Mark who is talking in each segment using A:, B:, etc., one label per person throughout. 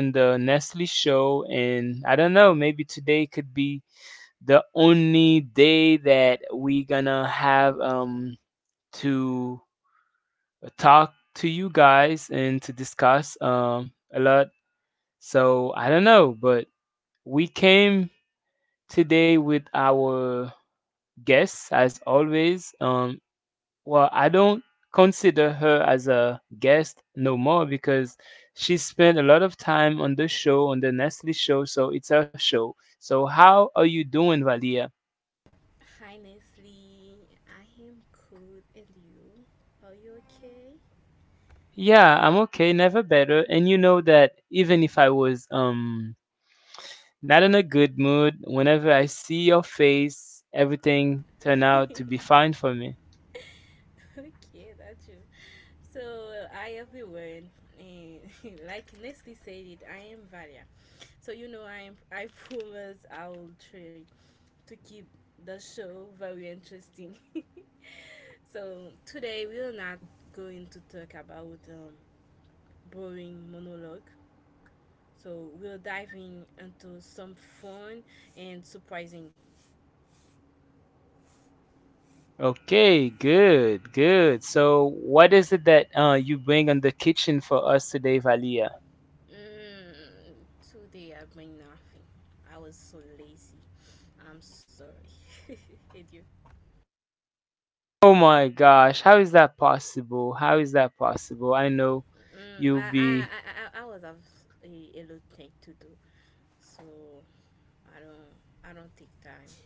A: In the Nestle show. And I don't know, maybe today could be the only day that we gonna have to talk to you guys and to discuss a lot. So I don't know, but we came today with our guests as always. Well, I don't consider her as a guest no more because she spent a lot of time on the show, on the Nestle show, so it's her show. So, how are you doing, Valia?
B: Hi Nestle, I am good and you? Are you okay?
A: Yeah, I'm okay, never better. And you know that even if I was not in a good mood, whenever I see your face, everything turn out to be fine for me.
B: Okay, that's you. So I everyone and Like Nestle said it, I am Varia. So you know I promise I will try to keep the show very interesting. So today we are not going to talk about boring monologue. So we're diving into some fun and surprising.
A: Okay, good, good. So, what is it that you bring on the kitchen for us today, Valia?
B: Mm, today I bring nothing. I was so lazy. I'm sorry. Did you?
A: Oh my gosh, how is that possible? How is that possible? I know
B: Mm,
A: you'll
B: I, I,
A: be
B: I, I I was have a lot thing to do, so I don't I don't take time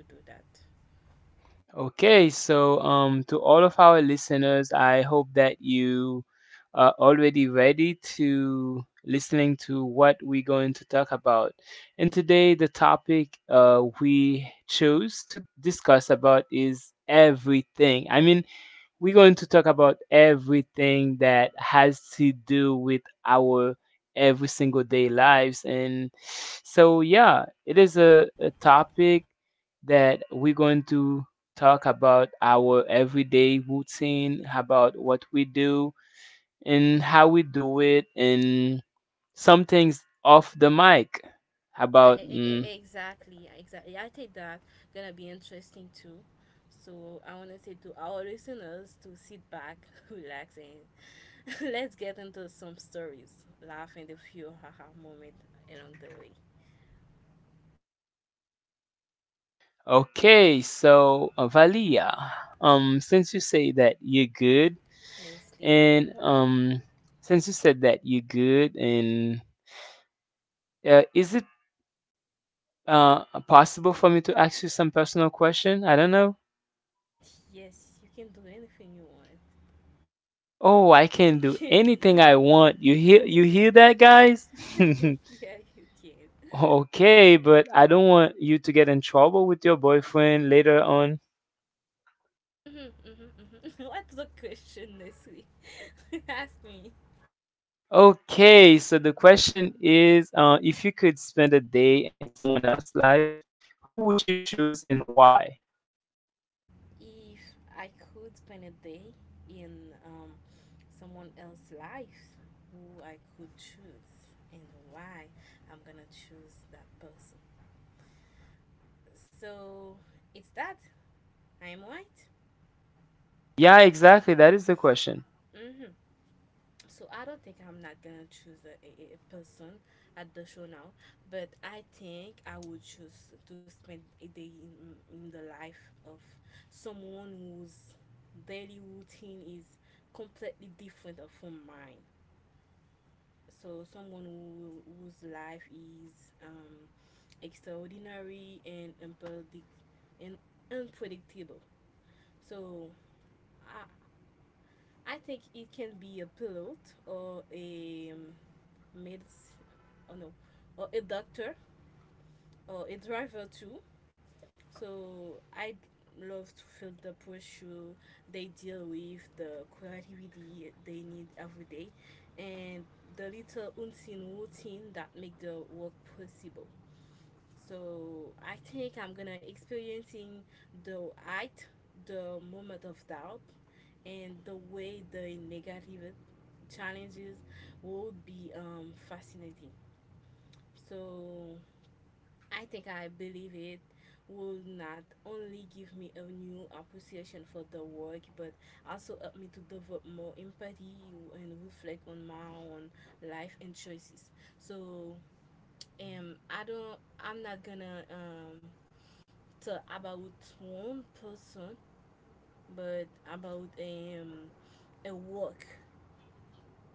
B: to do that.
A: okay. So, to all of our listeners, I hope that you are already ready to listening to what we're going to talk about. And today, the topic we chose to discuss about is everything. I mean, we're going to talk about everything that has to do with our every single day lives. And so, yeah, it is a topic that we're going to talk about our everyday routine, about what we do and how we do it, and some things off the mic about.
B: Exactly, exactly. I think that gonna be interesting too. So I wanna say to our listeners to sit back, relax, and let's get into some stories, laugh, and a few haha moment along the way.
A: Okay, so Valia, since you say that you're good.
B: Nicely.
A: And
B: Mm-hmm.
A: since you said that you're good, and is it possible for me to ask you some personal question? I don't know.
B: Yes, you can do anything you want.
A: Oh, I can
B: You
A: do
B: can.
A: anything
B: You.
A: I want. You
B: Yeah.
A: hear that, guys?
B: Yeah, you can.
A: Okay, but I don't want you to get in trouble with your boyfriend later on.
B: Mhm, mhm, mhm. What's the question, Nestle? Ask me.
A: Okay, so the question is, if you could spend a day in someone else's life, who would you choose and why?
B: If I could spend a day in someone else's life, who I could choose and why I'm gonna choose that person. So it's that. I'm white.
A: Yeah, exactly. That is the question.
B: Hmm. So I don't think I'm not gonna choose a person at the show now, but I think I would choose to spend a day in the life of someone whose daily routine is completely different from mine. So someone who, whose life is extraordinary and and unpredictable. So I I think it can be a pilot or a made, oh no, or a doctor or a driver too. So I love to feel the pressure they deal with, the creativity they need every day, and the little unseen routine that make the work possible. So I think I'm gonna experiencing the height, the moment of doubt, and the way the negative challenges would be fascinating. So I believe it will not only give me a new appreciation for the work but also help me to develop more empathy and reflect on my own life and choices. So I'm not gonna talk about one person but about a work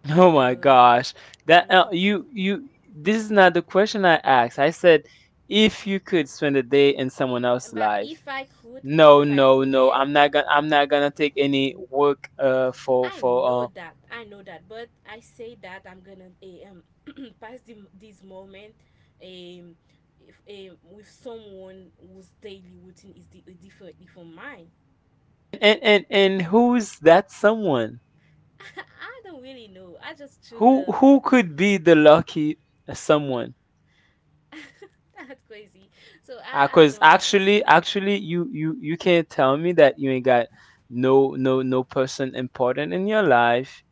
A: Oh my
B: because
A: gosh. That
B: mhm.
A: you you this is not the question I asked. I said if you could spend a day in someone else's
B: But
A: life. No,
B: if I
A: no,
B: could
A: no. I'm not gonna take any work
B: I know
A: for
B: that. I know that. But I say that I'm gonna pass this moment um if, with someone whose daily routine is differently from mine.
A: and who's that someone?
B: I don't really know. I just choose
A: Who
B: a.
A: who could be the lucky someone?
B: That's crazy. So I
A: Cause
B: don't.
A: actually you can't tell me that you ain't got no person important in your life.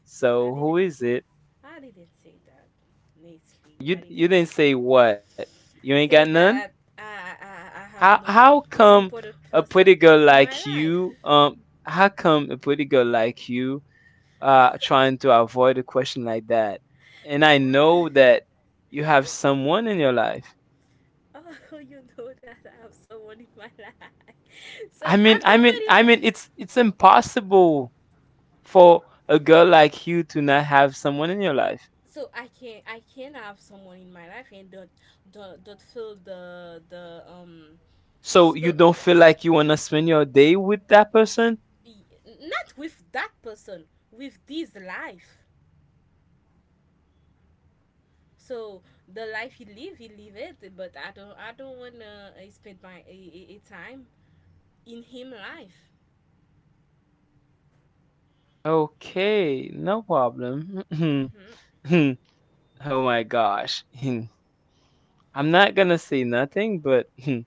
B: I
A: So who
B: didn't.
A: is it?
B: I didn't say that. Honestly,
A: You
B: I
A: you
B: didn't
A: didn't
B: say that.
A: say what? You ain't got
B: Say
A: none?
B: that I
A: How
B: have no
A: how come
B: important
A: a pretty
B: person
A: girl
B: in my
A: like
B: life.
A: you how come a pretty girl like you trying to avoid a question like that? And I know that you have someone in your life.
B: Oh, you know that I have someone in my life. So
A: I mean I mean
B: I already,
A: I mean it's impossible for a girl like you to not have someone in your life.
B: so I can have someone in my life and don't feel the
A: So
B: s-
A: you
B: the
A: don't feel like you wanna spend your day with that person?
B: not with that person with this life. So the life he live it. But I don't wanna spend my a time in him life.
A: Okay, no problem.
B: Hmm.
A: Oh my gosh. I'm not gonna say nothing, but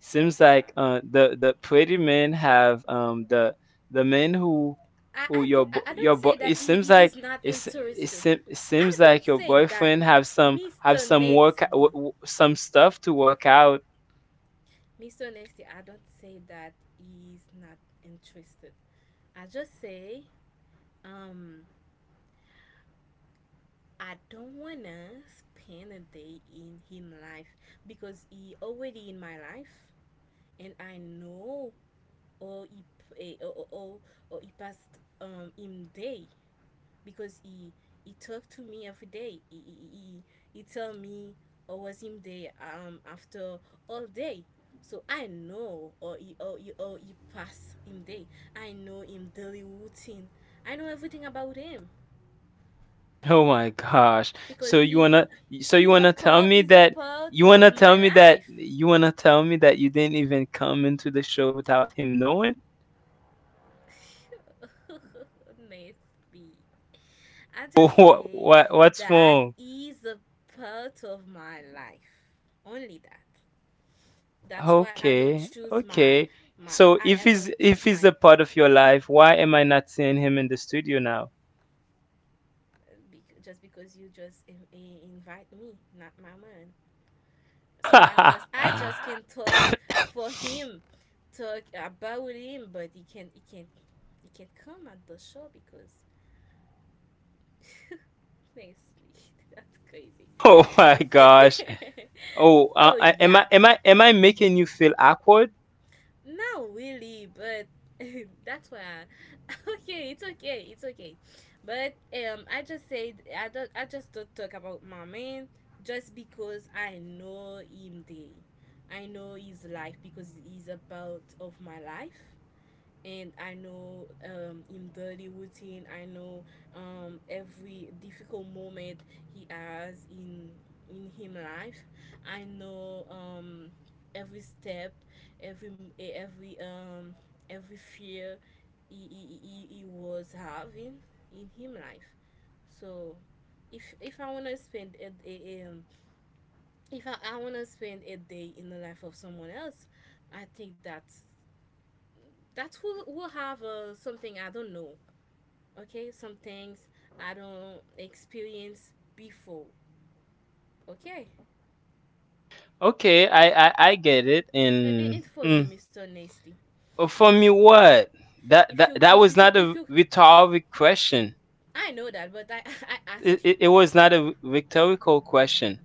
A: seems
B: But
A: like
B: what?
A: the pretty men have the men who
B: I don't say
A: it
B: that
A: seems
B: he
A: like
B: is not
A: it's
B: interested.
A: it seems
B: I
A: like
B: don't
A: your
B: say that,
A: boyfriend have some have
B: Mr.
A: some work
B: Nasty.
A: some stuff to work out.
B: Mr. Nasty, I don't say that he's not interested. I just say, um, I don't wanna spend a day in him life because he already in my life, and I know or he p- eh, or, or, or, or he passed him day. Because he talked to me every day. He tell me I was him there after all day. So I know or he or he pass him day. I know him daily routine. I know everything about him
A: Oh my gosh. So
B: because
A: you wanna tell me
B: he's a
A: that
B: part
A: you
B: of
A: wanna
B: my
A: tell me that
B: life.
A: you wanna tell me that you didn't even come into the show without him knowing?
B: Nasty. I just
A: What
B: say
A: 's
B: that
A: wrong?
B: he's a part of my life. Only that. That's why I don't
A: Okay,
B: choose
A: okay. So
B: I just choose
A: if he's
B: my.
A: a part of your life, why am I not seeing him in the studio now?
B: Just because you just invite me not my man, so I just can talk for him, talk about him, but he can come at the show because honestly that's crazy.
A: Oh my gosh. Oh,
B: So
A: am
B: yeah,
A: I am I am I making you feel awkward?
B: not really, but that's why. I, okay, it's okay, it's okay. But I just said I don't. I just don't talk about my man just because I know him. Day, I know his life because he's a part of my life and I know him daily routine. I know every difficult moment he has in him life. I know every step, every every um, every fear he was having in him life. So if I wanna spend a if I wanna spend a day in the life of someone else, I think that's that will have something I don't know, okay, some things I don't experience before, okay.
A: Okay, I get it.
B: and,
A: And
B: and for you Mr. Nasty,
A: oh, for me, what? That was not
B: if
A: a
B: you
A: rhetoric question.
B: I know that but I I ask you,
A: It was not a rhetorical question.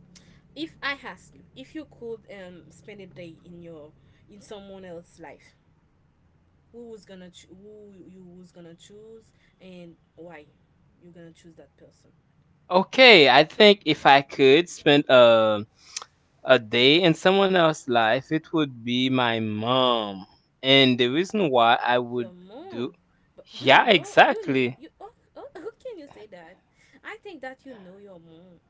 B: if I ask you, if you could spend a day in your in someone else's life, who was gonna who you was gonna choose, and why you gonna choose that person.
A: Okay, I think if I could spend a day in someone else's life, it would be my mom. And the reason why I would
B: Your
A: do
B: mom, but
A: yeah,
B: you know,
A: exactly.
B: you oh, oh, how can you say that? I think that you know your mom.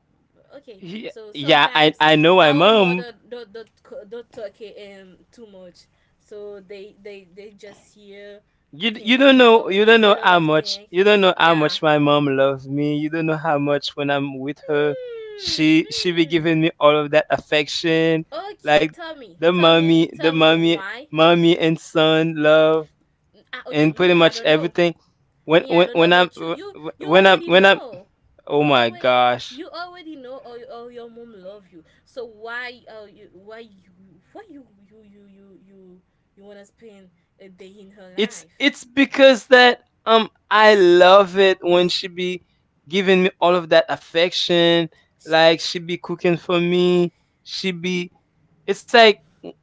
B: Okay,
A: Yeah,
B: so
A: yeah, I
B: sometimes
A: I know my
B: our
A: mom.
B: mother don't talk it too much, so they just here thinking
A: You
B: about
A: don't know
B: a lot
A: how
B: of
A: much
B: things.
A: you don't know how
B: Yeah.
A: much my mom loves me. You don't know how much when I'm with her,
B: Hmm.
A: she be
B: Hmm.
A: giving me all of that affection,
B: Okay,
A: like
B: tell me,
A: the
B: tell me,
A: mommy,
B: tell me why.
A: mommy and son love,
B: Okay,
A: and
B: me,
A: pretty
B: I don't
A: much
B: know.
A: everything
B: Me I don't know
A: when I'm
B: but
A: wh- wh-
B: you already
A: when I'm
B: know,
A: Oh
B: you
A: my
B: already,
A: gosh.
B: you already know or your mom love you, so why why you, why you you you you you, you want to spend a day in her life.
A: It's because that I love it when she be giving me all of that affection,
B: She,
A: like she be cooking for me. She be it's like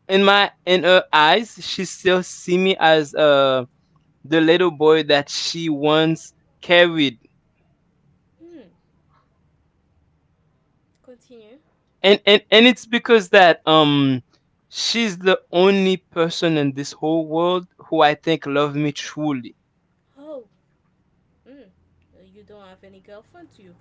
A: in my in her eyes, she still see me as the little boy that she once carried.
B: mm, continue.
A: And it's because that she's the only person in this whole world who I think love me truly.
B: Oh mm, you don't have any girlfriend do you?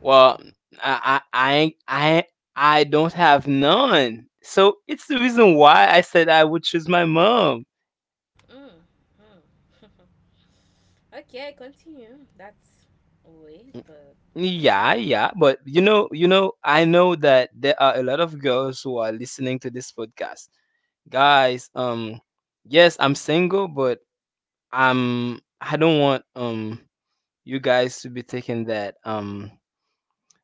A: Well, I ain't- I don't have none. So it's the reason why I said I would choose my mom.
B: Mm, mm. Okay, continue, that's weird, but
A: Yeah,
B: continue.
A: yeah, but I know that there are a lot of girls who are listening to this podcast. Guys, yes, I'm single, but I don't want you guys to be thinking that um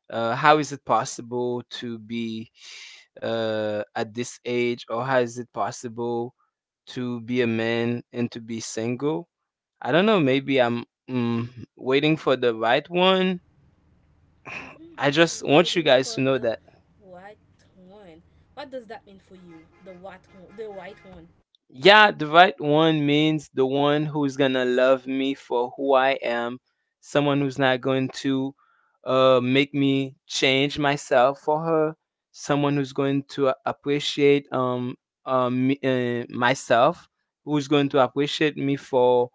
A: uh how is it possible to be at this age, or how is it possible to be a man and to be single. I don't know, maybe I'm waiting for the right one.
B: Hmm.
A: I just
B: You're
A: want you
B: waiting
A: guys to
B: for
A: know
B: the
A: that.
B: white one. What does that mean for you? The white one. The white one.
A: Yeah, the right one means the one who's gonna love me for who I am, someone who's not going to make me change myself for her, someone who's going to appreciate myself, who's going to appreciate me for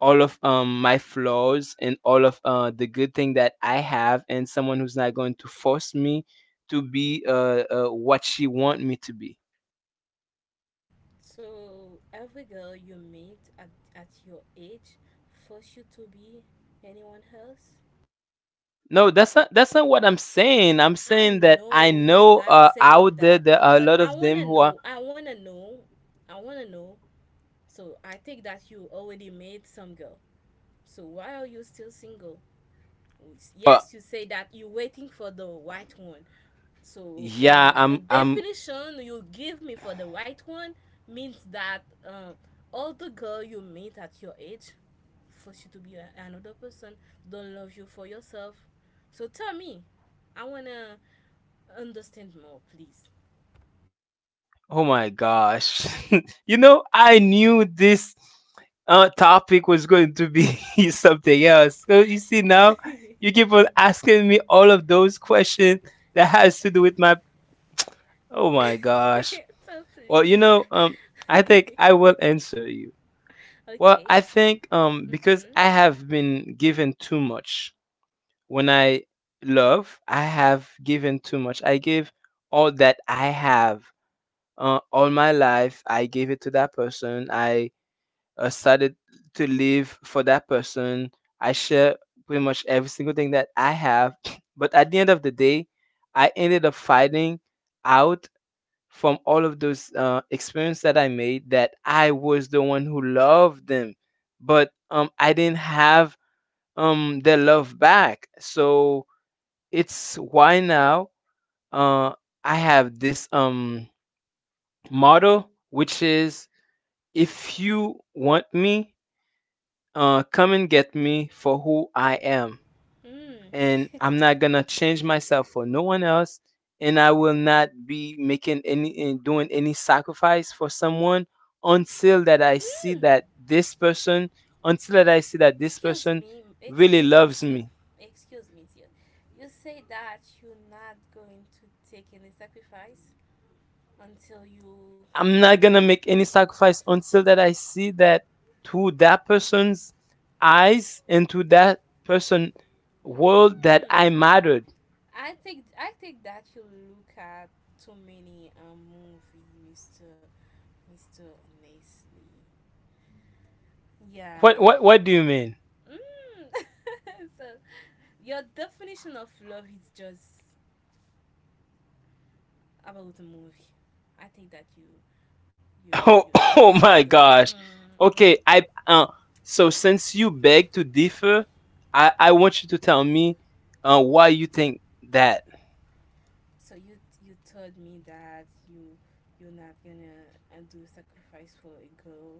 A: all of my flaws and all of the good thing that I have, and someone who's not going to force me to be what she want me to be.
B: So every girl you meet at your age force you to be anyone else.
A: No, that's not what I'm saying. I'm
B: I
A: saying that I
B: know you
A: know
B: not saying
A: out there
B: that,
A: there are a
B: but
A: lot
B: I
A: of them
B: wanna
A: who are
B: know. I wanna know. I wanna know. So I think that you already made some girl. So why are you still single?
A: uh,
B: Yes, you say that you're waiting for the white one, so
A: yeah,
B: the
A: I'm
B: definition you give me for the white one means that um, all the girl you meet at your age force you to be another person, don't love you for yourself, so tell me, I wanna understand more please.
A: Oh my gosh. You know, I knew this topic was going to be something else. So you see now, you keep on asking me all of those questions that has to do with my. Oh my gosh.
B: So
A: Well,
B: please
A: you know, I think I will answer you. Well,
B: okay.
A: I think because
B: Mm-hmm.
A: I have been given too much when I love, I have given too much. I give all that I have, all my life I gave it to that person. I Started to live for that person. I share pretty much every single thing that I have. But at the end of the day I ended up finding out from all of those experiences that I made that I was the one who loved them, but I didn't have their love back. So it's why now, uh, I have this model which is: if you want me, come and get me for who I am.
B: Mm.
A: And I'm not gonna change myself for no one else. And I will not be making any and doing any sacrifice for someone until that I see
B: Mm.
A: that this person, until that I see that this person really
B: Excuse me,
A: loves
B: sir.
A: me.
B: Excuse me, dear. You say that you're not going to take any sacrifice until you.
A: I'm not gonna make any sacrifice until that I see that through that person's eyes and through that person world that
B: Mm,
A: I mattered.
B: I think that you look at too many movie, Mister Nestle. Yeah.
A: What do you mean?
B: Mm. So your definition of love is just about the movie. I think that
A: Oh,
B: you take
A: oh
B: that
A: my gosh.
B: mm, mhm.
A: Okay, I so since you beg to differ, I want you to tell me why you think that.
B: So you told me that you're not gonna do sacrifice for a girl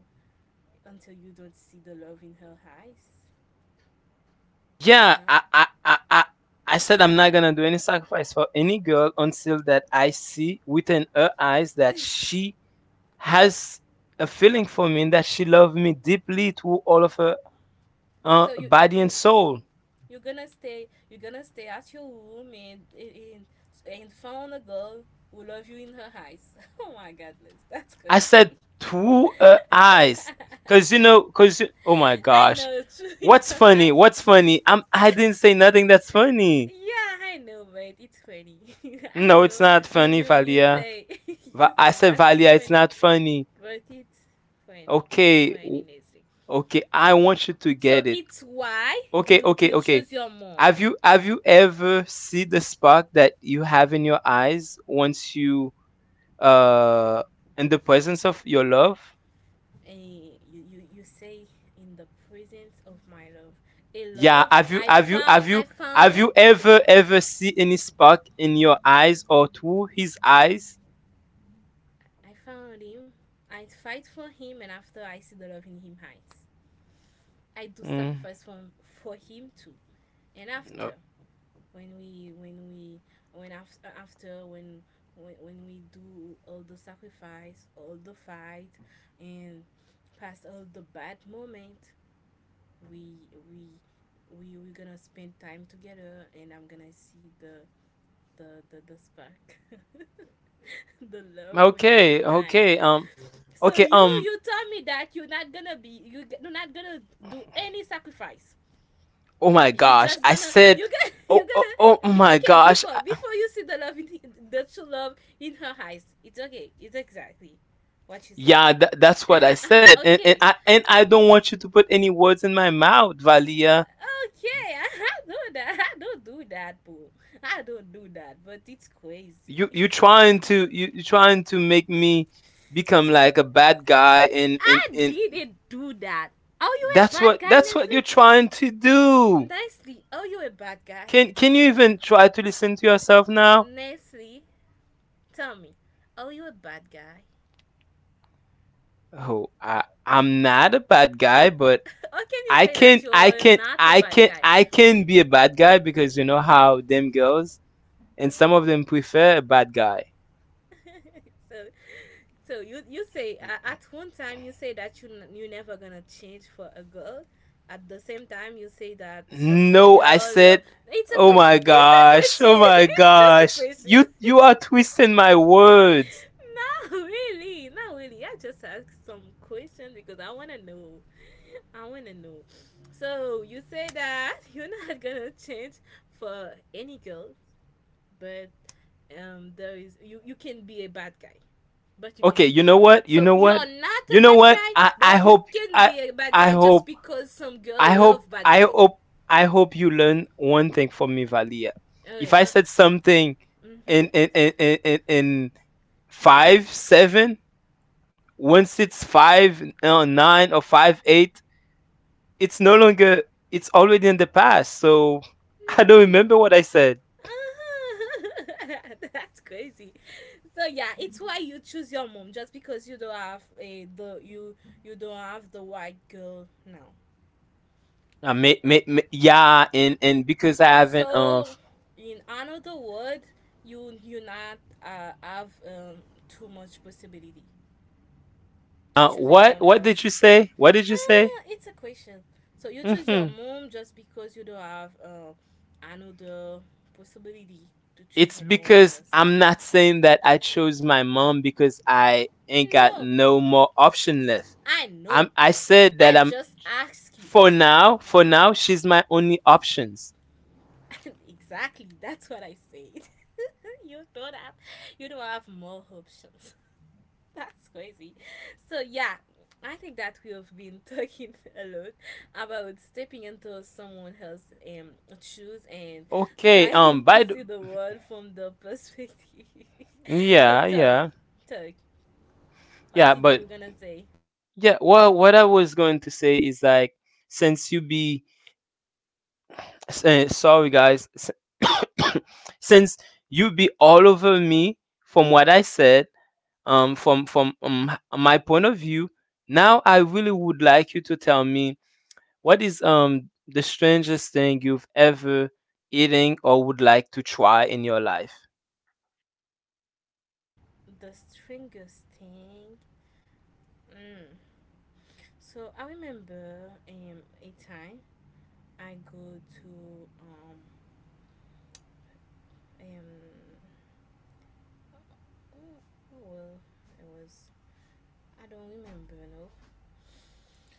B: until you don't see the love in her eyes,
A: Yeah,
B: huh?
A: I said I'm not gonna do any sacrifice for any girl until that I see within her eyes that she has a feeling for me and that she loves me deeply through all of her
B: So
A: body and soul.
B: you're gonna stay, at your room and and found a girl who love you in her eyes. Oh my God, Liz, that's
A: I said
B: crazy.
A: two eyes, cause you know, cause you, oh my
B: I
A: gosh,
B: know, true in
A: what's
B: her
A: funny?
B: eyes.
A: What's funny? I didn't say nothing that's funny.
B: Yeah, I know, but it's funny. I
A: No, it's
B: know
A: not funny,
B: you
A: Valia.
B: say you
A: I
B: say
A: said
B: nothing
A: Valia, it's
B: funny,
A: not funny.
B: but it's funny. It's
A: Okay,
B: funny, Leslie.
A: okay, I want you to
B: So
A: get it.
B: it's why
A: Okay, okay,
B: you
A: okay.
B: choose your mom,
A: Have you ever see the spark that you have in your eyes once you uh in the presence of your love?
B: and you say in the presence of my love, a
A: Yeah,
B: love I found. I
A: have you
B: found.
A: ever ever see any spark in your eyes or through his eyes?
B: I found him. I fight for him, and after I see the love in him hides. I do
A: Mm,
B: sacrifice for him too. And after
A: no.
B: when we when af- after when when we do all the sacrifice, all the fight, and past all the bad moment, we we we're gonna spend time together and I'm gonna see the the spark, the love on him
A: Okay, okay,
B: eyes. So
A: okay,
B: you you tell me that you're not gonna do any sacrifice,
A: oh my
B: you're
A: gosh,
B: just
A: I
B: gonna,
A: said,
B: you gonna you're gonna
A: oh
B: be
A: my
B: okay
A: gosh,
B: before you see the love in the true love in her eyes, it's okay, it's exactly what you said.
A: yeah, that's what I
B: Uh-huh,
A: said,
B: uh-huh,
A: and
B: okay,
A: I don't want you to put any words in my mouth, Valia.
B: okay, I do that. I don't do that, boo, I don't do that, but it's crazy.
A: You you trying to you you trying to make me become like a bad guy, and and
B: I
A: and
B: didn't do that. Are you a
A: that's
B: bad
A: what
B: guy, Nestle?
A: you're trying to do.
B: Nestle, are you a bad guy?
A: Can you even try to listen to yourself now?
B: Nestle, tell me, are you a bad guy?
A: Oh, I'm not a bad guy, but
B: How can you
A: I
B: say
A: can
B: that
A: I
B: you're
A: can
B: not a
A: I
B: bad
A: can
B: guy?
A: I can be a bad guy because you know how them girls and some of
B: Mhm.
A: them prefer a bad guy.
B: so, so you say at one time you say that you never gonna change for a girl. At the same time, you say that some
A: No, I
B: girl love.
A: said,
B: It's a
A: oh my
B: question. It's a
A: gosh, oh
B: question.
A: my
B: it's just a
A: gosh.
B: question.
A: You you
B: not
A: are twisting my words.
B: really. Not really. I just ask some questions because I wanna know. I wanna know. So you say that you're not gonna change for any girl, but there is you can be a bad guy but you can
A: Okay,
B: be
A: you
B: a guy.
A: know what? You
B: So
A: know
B: you're not
A: what?
B: a
A: You know
B: bad
A: what?
B: guy,
A: I
B: but you
A: hope
B: can
A: I
B: be a bad
A: I
B: guy just
A: hope
B: because some girl
A: I hope
B: love bad
A: I
B: guy.
A: hope I hope you learn one thing from me, Valia.
B: Oh,
A: If I
B: now,
A: said something
B: mm-hmm,
A: in five seven, once it's five nine or five eight, it's no longer, it's already in the past. So I don't
B: mm-hmm.
A: remember what I said.
B: Uh-huh. That's crazy. So yeah, it's why you choose your mom just because you don't have the white girl now.
A: Yeah, and because I haven't
B: So in another word, you not have too much possibility to choose
A: what
B: anyone
A: what did you
B: else.
A: say? What did you say?
B: It's a question. So you choose your
A: Hmm.
B: mom just because you don't have another possibility to choose
A: It's
B: anyone
A: because
B: else.
A: I'm not saying that I chose my mom because I ain't got
B: No,
A: no more option left.
B: I
A: I'm
B: know.
A: I said
B: I
A: that I'm
B: just ask you.
A: for now she's my only options.
B: exactly. That's what I said. you don't have. You don't have more options. That's crazy. So yeah, I think that we have been talking a lot about stepping into someone else's um, shoes and
A: Okay,
B: trying to see the world from the perspective. so
A: yeah,
B: talk,
A: yeah.
B: talk. What
A: Yeah,
B: did
A: but
B: you gonna say?
A: yeah, well what I was going to say is like since you be sorry guys, s- since you be all over me from what I said, from my point of view now I really would like you to tell me what is the strangest thing you've ever eating or would like to try in your life.
B: The strangest thing. Mm. So I remember a time I go to um oh, oh, well it was I don't remember, no.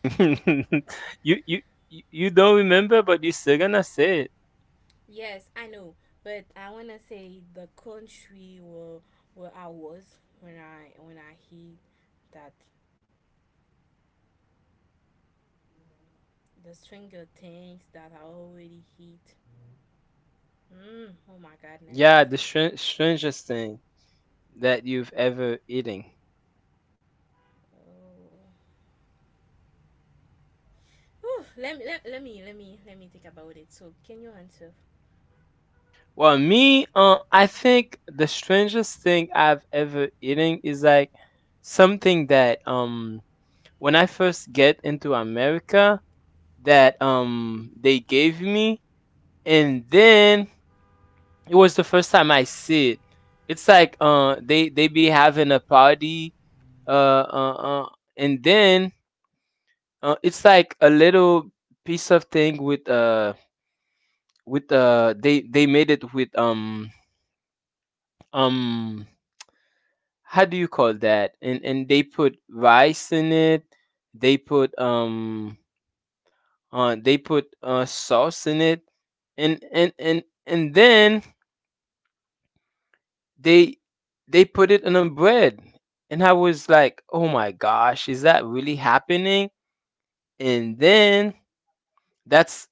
A: you you you don't remember but you're still gonna say it.
B: Yes, I know, but I wanna say the country where I was when I hit that the Stranger Things that I already hit. Mm, oh my goodness.
A: Yeah, the strangest thing that you've ever eating.
B: Oh. Whew, let me think about it. So can you answer?
A: Well, me, I think the strangest thing I've ever eaten is like something that when I first get into America, that they gave me, and then it was the first time I see it. It's like they be having a party, uh uh, uh and then it's like a little piece of thing with with they made it with um how do you call that? And they put rice in it. They put um they put sauce in it. And then they they put it in a bread. And I was like, "Oh my gosh, is that really happening?" And then that's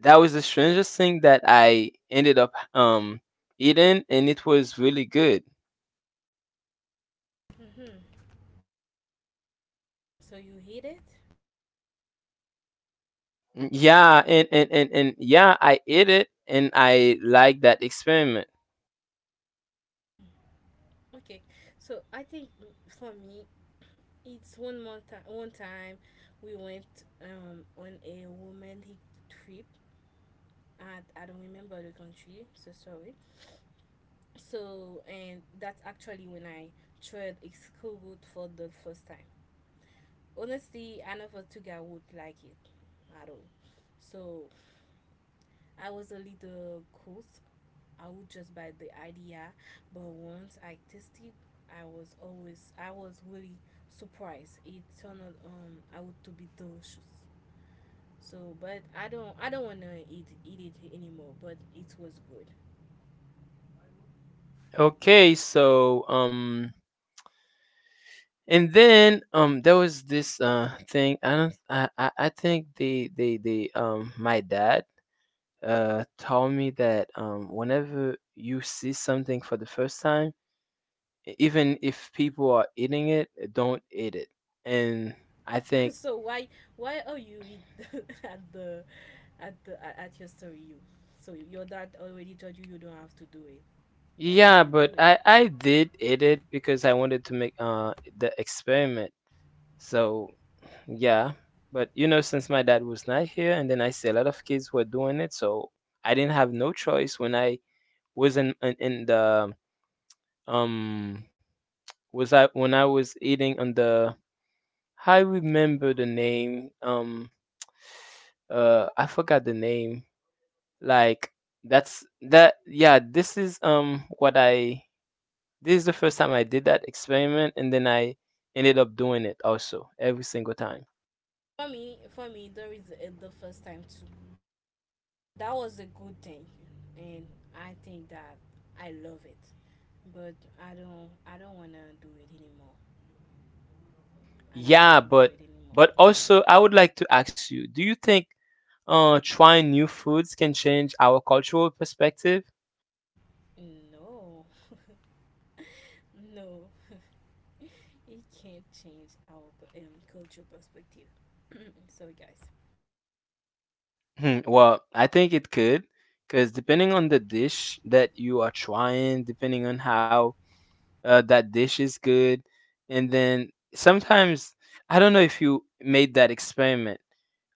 A: that was the strangest thing that I ended up eating, and it was really good.
B: Mm-hmm. So you hit it?
A: Yeah, and yeah, I ate it and I liked that experiment.
B: Okay. So I think for me, it's one more time. One time we went on a romantic trip. I don't remember the country, so sorry. So, and that's actually when I tried a school route for the first time. Honestly, I never took I would like it at all. So, I was a little course. I would just buy the idea, but once I tested, I was really surprised. It turned out, out to be delicious. So, but I don't wanna eat it anymore. But it was good.
A: Okay, so and then there was this thing, I don't I think they my dad told me that whenever you see something for the first time, e- even if people are eating it, don't eat it. And I think
B: so why are you at the at your story you so your dad already told you you don't have to do it. Why did
A: yeah,
B: you do
A: but
B: it?
A: I did eat it because I wanted to make the experiment, so yeah, but you know, since my dad was not here, and then I see a lot of kids were doing it, so I didn't have no choice when I was in the um was I when I was eating on the I remember the name I forgot the name, like that's that yeah, this is what I this is the first time I did that experiment, and then I ended up doing it also every single time.
B: For me, for me there is the first time too that was a good thing and I think that I love it, but I don't want to do it anymore. I don't want
A: Yeah,
B: to do it anymore.
A: but also I would like to ask you, do you think trying new foods can change our cultural perspective?
B: No, no, it can't change our cultural perspective. Sorry, guys.
A: Hmm, well, I think it could, because depending on the dish that you are trying, depending on how that dish is good. And then sometimes I don't know if you made that experiment.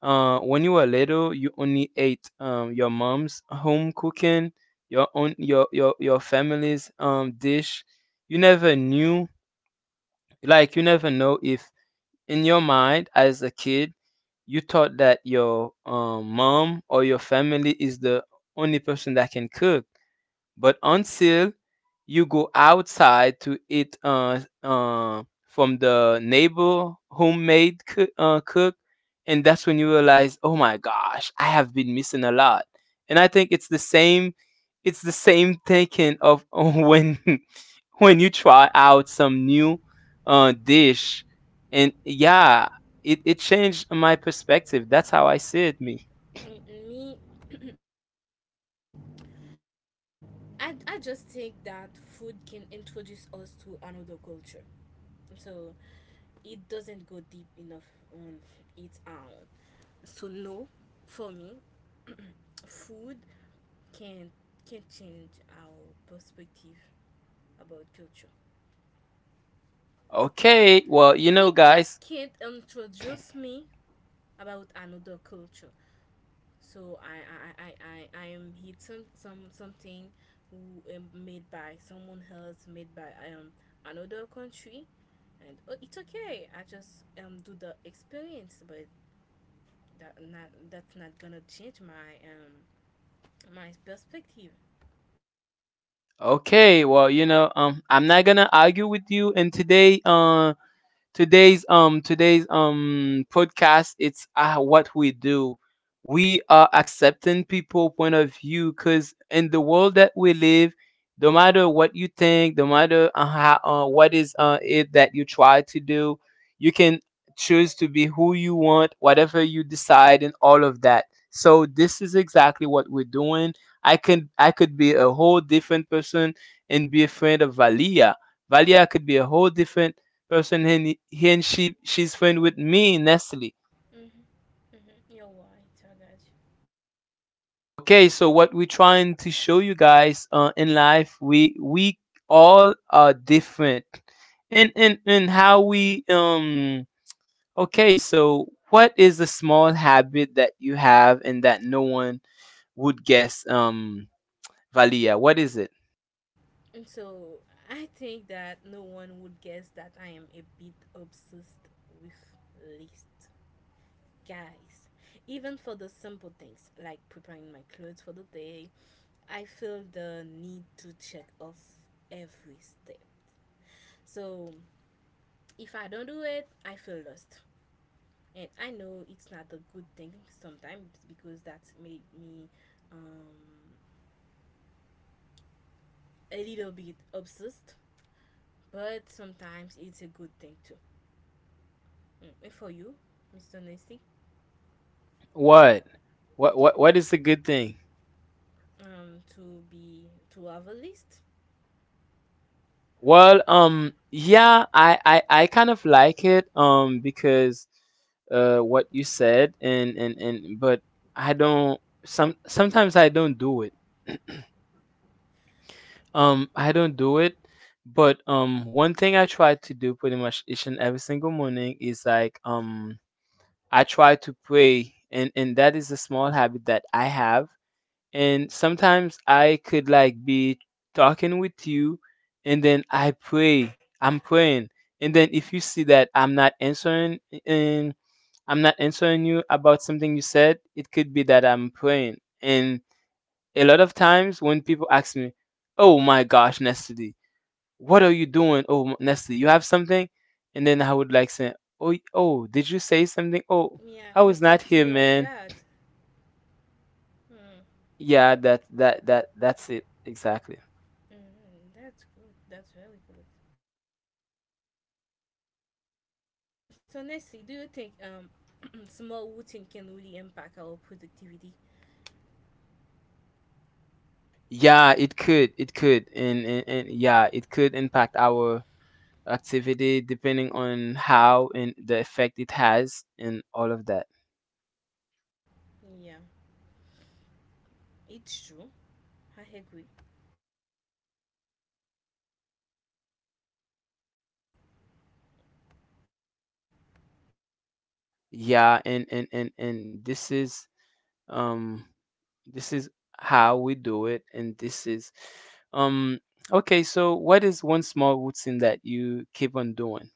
A: When you were little, you only ate your mom's home cooking, your your family's dish. You never knew, like you never know if in your mind as a kid you thought that your mom or your family is the only person that can cook, but until you go outside to eat from the neighbor homemade cook, cook, and that's when you realize, oh my gosh, I have been missing a lot. And I think it's the same thinking of when when you try out some new dish, and yeah, it changed my perspective. That's how I see it. Me.
B: Mm, me, I just think that food can introduce us to another culture. So it doesn't go deep enough on its own. So no, for me, food can can change our perspective about culture. So
A: Okay, well, you know,
B: it just
A: guys,
B: can't introduce me about another culture. So I am hit something who, made by someone else, made by another country, and oh, it's okay. I just do the experience, but that's not gonna change my my perspective.
A: okay, well, you know, I'm not gonna argue with you, and today, today's podcast it's what we do, we are accepting people point of view, because in the world that we live no matter what you think, no matter what is it that you try to do, you can choose to be who you want, whatever you decide, and all of that. So this is exactly what we're doing. I can I could be a whole different person and be a friend of Valia. Valia could be a whole different person. He and she's friend with me, Nestle.
B: Mm-hmm. Mm-hmm. You're right. I got you.
A: Okay, so what we're trying to show you guys in life, we all are different, and how we okay, so what is the small habit that you have and that no one would guess, Valia? What is it?
B: And so I think that no one would guess that I am a bit obsessed with lists. Guys, even for the simple things like preparing my clothes for the day I feel the need to check off every step. So if I don't do it, I feel lost, and I know it's not a good thing sometimes because that made me um, a little bit obsessed, but sometimes it's a good thing too. Mm, and for you, mr nasty,
A: What? What is the good thing?
B: to be to have a list.
A: Well, yeah, I kind of like it, because what you said, and but I don't. Sometimes I don't do it. I don't do it. But one thing I try to do pretty much each and every single morning is like I try to pray, and that is a small habit that I have, and sometimes I could like be talking with you, and then I pray, I'm praying. And then if you see that I'm not answering, and I'm not answering you about something you said, it could be that I'm praying. And a lot of times when people ask me, "Oh my gosh, Nestle, what are you doing? Oh, m- Nestle, you have something?" And then I would like say, "Oh, y- oh, did you say something? Oh,
B: Yeah,
A: I
B: you
A: was not
B: talk to
A: here,
B: your
A: man."
B: god. Mm.
A: Yeah, that's it exactly.
B: Mm, that's good. That's really good. So, Nestle, do you think small routine can really impact our productivity?
A: Yeah, it could. It could. And yeah, it could impact our activity depending on how and the effect it has and all of that.
B: Yeah, it's true. I agree.
A: Yeah, and um this is how we do it, and this is um okay, so what is one small routine that you keep on doing?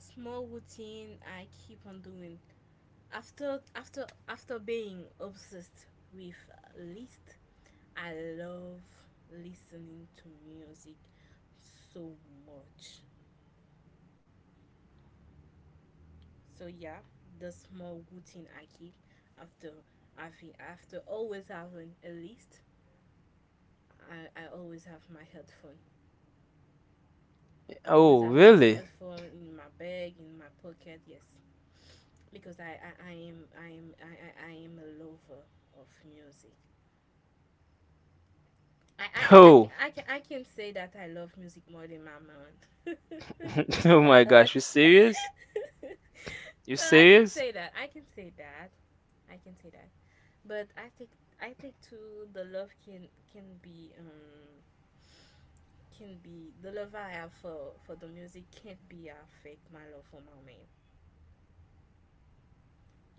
B: Small routine I keep on doing after being obsessed with list. I love listening to music so much. So yeah, the small routine I keep after having after always having a list, I always have my headphone. Always
A: Oh,
B: have my
A: really?
B: headphone in my bag, in my pocket. Yes, because I am a lover of music.
A: Oh.
B: I can say that I love music more than my man.
A: Oh my
B: God.
A: gosh, you serious?
B: so
A: You
B: I can say
A: serious?
B: that. I can say that. I can say that. But I think too the love can can be um can be the love I have for the music can't be affect my love for my man.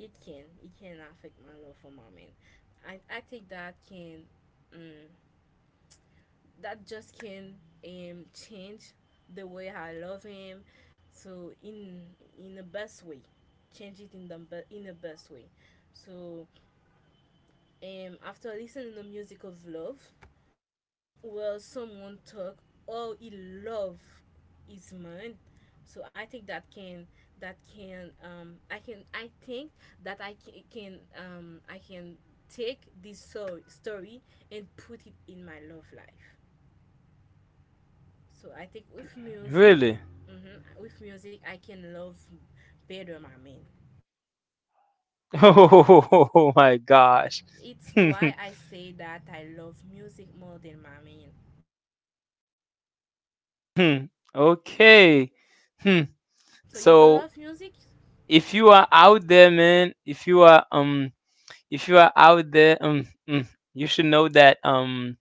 B: It can affect my love for my man. I think that can um, that just can change the way I love him. So in the best way, change it in the in the best way. So after listening to the music of love, well someone talk, all he love is mine. So I think that can I think that can I can take story and put it in my love life. So I think with music,
A: Really?
B: mhm, with music I can love better my man.
A: Oh my gosh.
B: It's why I say that I love music more than my man.
A: Hmm. Okay. Hmm.
B: So you don't
A: So
B: love music.
A: if you are out there, man, if you are out there, you should know that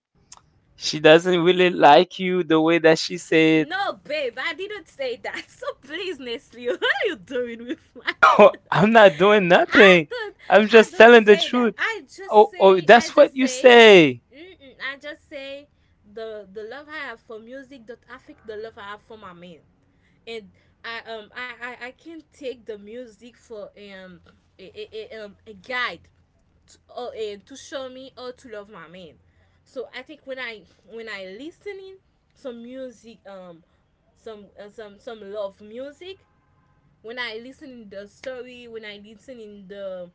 A: she doesn't really like you the way that she said.
B: No, babe, I didn't say that. So please, Nestle, what are you doing with my?
A: I'm not doing
B: I
A: nothing.
B: don't
A: I'm
B: I
A: just
B: don't
A: telling the
B: say that.
A: truth. Oh, oh,
B: I
A: that's what
B: just
A: you
B: say
A: say.
B: mm-mm, I just say the love I have for music don't affect the love I have for my man. And I can take the music for a guide to, or, to show me how to love my man. So I think when I listening some music some love music when I listen in the story, when I listen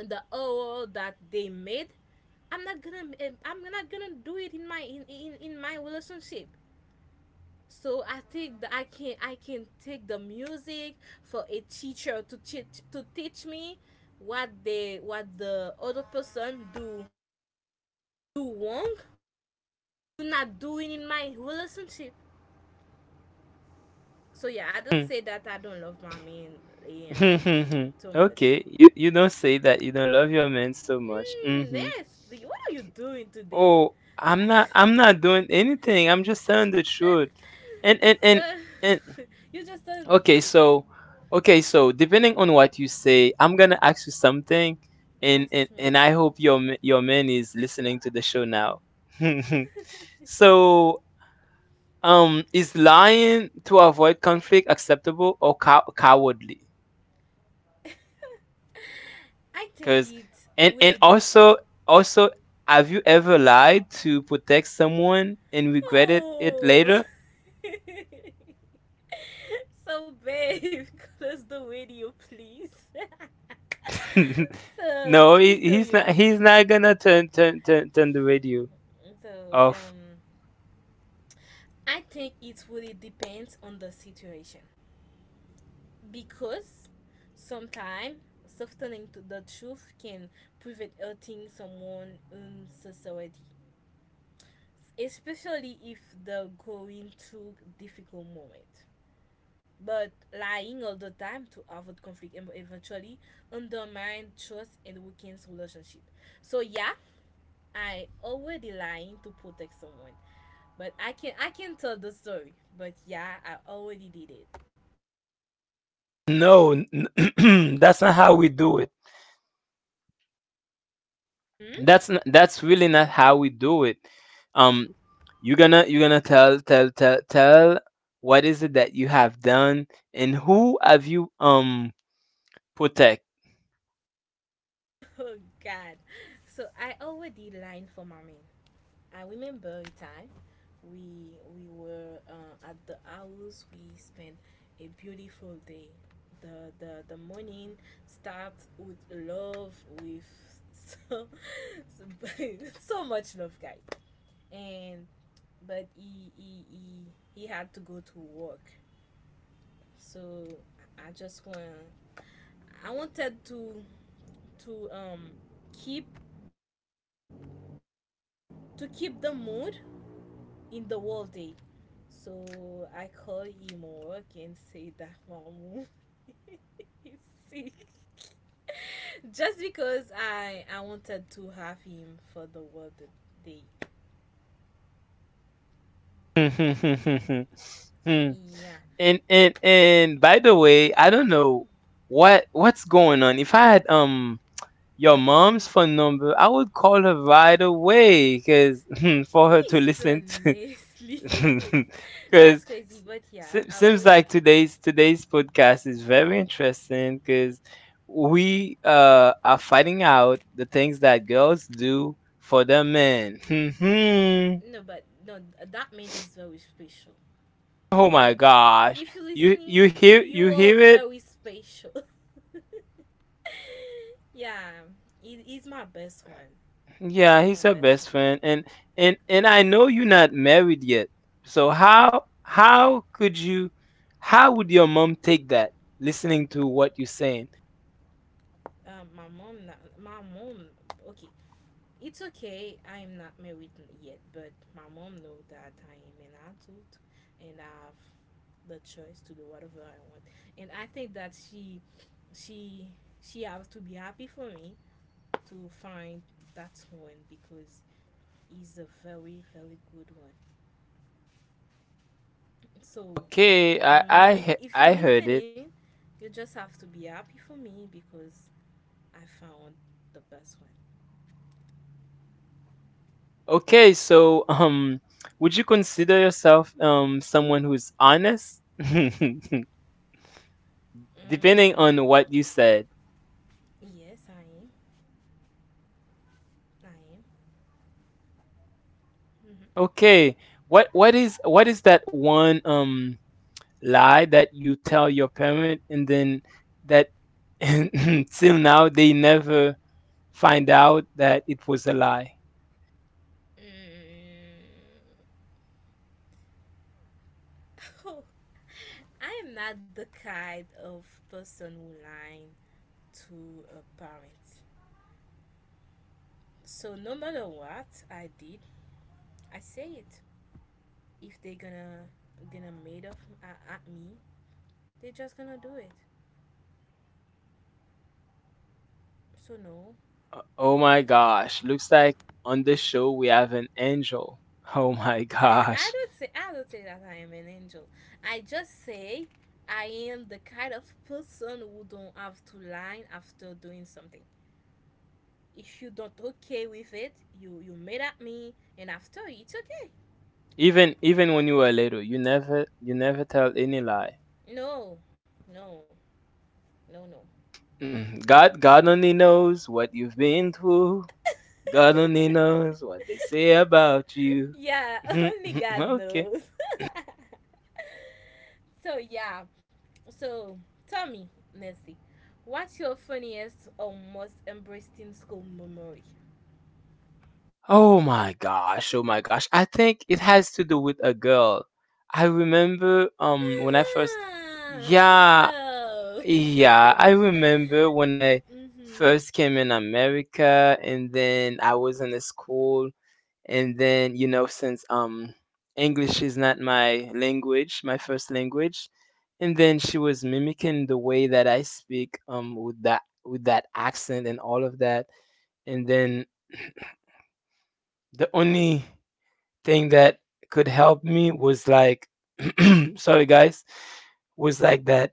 B: in the oral that they made, I'm not gonna do it in my in my relationship. So I think that I can take the music for a teacher to teach me what they what the other person do do wrong to not doing in my relationship. So yeah, I don't
A: Hmm.
B: say that I don't love my man too much.
A: Okay. You don't say that you don't love your man so much.
B: Mm,
A: Hmm.
B: Nestle, what are you doing today?
A: Oh, I'm not doing anything. I'm just telling the truth. And and and
B: Sir,
A: and
B: you just telling the
A: okay,
B: truth.
A: so okay, so depending on what you say, I'm gonna ask you something, and
B: Ask
A: and
B: me.
A: and I hope your your man is listening to the show now. So is lying to avoid conflict acceptable or cow- cowardly?
B: I think
A: Cause
B: it's
A: and
B: really deep.
A: also also have you ever lied to protect someone and regretted it
B: Oh.
A: later?
B: so, babe, close the video, please. so,
A: No,
B: to be
A: he, he's
B: serious,
A: not. He's not gonna turn the radio
B: so
A: off.
B: I think it really depends on the situation, because sometimes softening to the truth can prevent hurting someone in society, especially if they're going through a difficult moment. But lying all the time to avoid conflict and eventually undermine trust and weakens relationship. So yeah, I already lying to protect someone, but I can tell the story. But yeah, I already did it.
A: No, n- that's not how we do it.
B: Hmm?
A: That's n that's really not how we do it. Um, you're gonna you're gonna tell what is it that you have done and who have you protect.
B: Oh God! So I already lined for mommy. I remember a time we were at the house. We spent a beautiful day. The morning start with love with so so so much love, guys. And but he had to go to work. So I just want I wanted to to um keep keep the mood in the whole day. So I call Imo and say that Mamu is sick. Just because I wanted to have him for the whole day.
A: Hmm.
B: Yeah.
A: And By the way, I don't know what what's going on. If I had your mom's phone number, I would call her right away because for her to
B: Mr.
A: listen to.
B: Nestle.
A: Because
B: That's crazy, but yeah, I
A: seems
B: already
A: like today's podcast is very interesting because we are finding out the things that girls do for the men.
B: no but no that man is very special. So
A: Oh
B: babe,
A: my gosh,
B: if you're
A: you
B: listening,
A: you hear
B: you
A: you
B: are
A: hear it?
B: very special. yeah, it's my best one.
A: Yeah,
B: It's my
A: he's her
B: best one.
A: best friend, and I know you're not married yet. So how could you, how would your mom take that? Listening to what you're saying.
B: My mom, not, my mom. Okay, it's okay. I am not married yet, but my mom know that I am an adult and I have the choice to do whatever I want. And I think that she, she has to be happy for me to find that one because he's a very, very good one. So,
A: Okay, I
B: m- mom, if you're
A: I heard it.
B: listening, you just have to be happy for me because I found the best one.
A: Okay, so would you consider yourself someone who's honest? Depending
B: Mm,
A: on what you said.
B: yes, I am. I am. Mhm.
A: Okay, what is what is that one lie that you tell your parent and then that till now they never find out that it was a lie.
B: Mm, oh, I am not the kind of person who lying to a parent. So no matter what I did, I say it. If they gonna made up at me, they just gonna do it. So no,
A: Oh my gosh, looks like on this show we have an angel. Oh my
B: I
A: gosh.
B: don't say I don't say that I am an angel. I just say I am the kind of person who don't have to lie after doing something. If you don't okay with it, you mad at me, and after it's okay.
A: Even when you were little, you never tell any lie.
B: No, no, no, no.
A: Mm, God only knows what you've been through. God only knows what they say about you.
B: Yeah, only God
A: Okay.
B: knows. So yeah, so tell me, Nancy, what's your funniest or most embarrassing school memory?
A: Oh my gosh, oh my gosh. I think it has to do with a girl. I remember when I first
B: Uh-huh. Here
A: Yeah,
B: go.
A: yeah, I remember when I first came in America, and then I was in the school. And then since English is not my language, my first language, and then she was mimicking the way that I speak, with that accent and all of that. And then the only thing that could help me was like sorry guys, was like that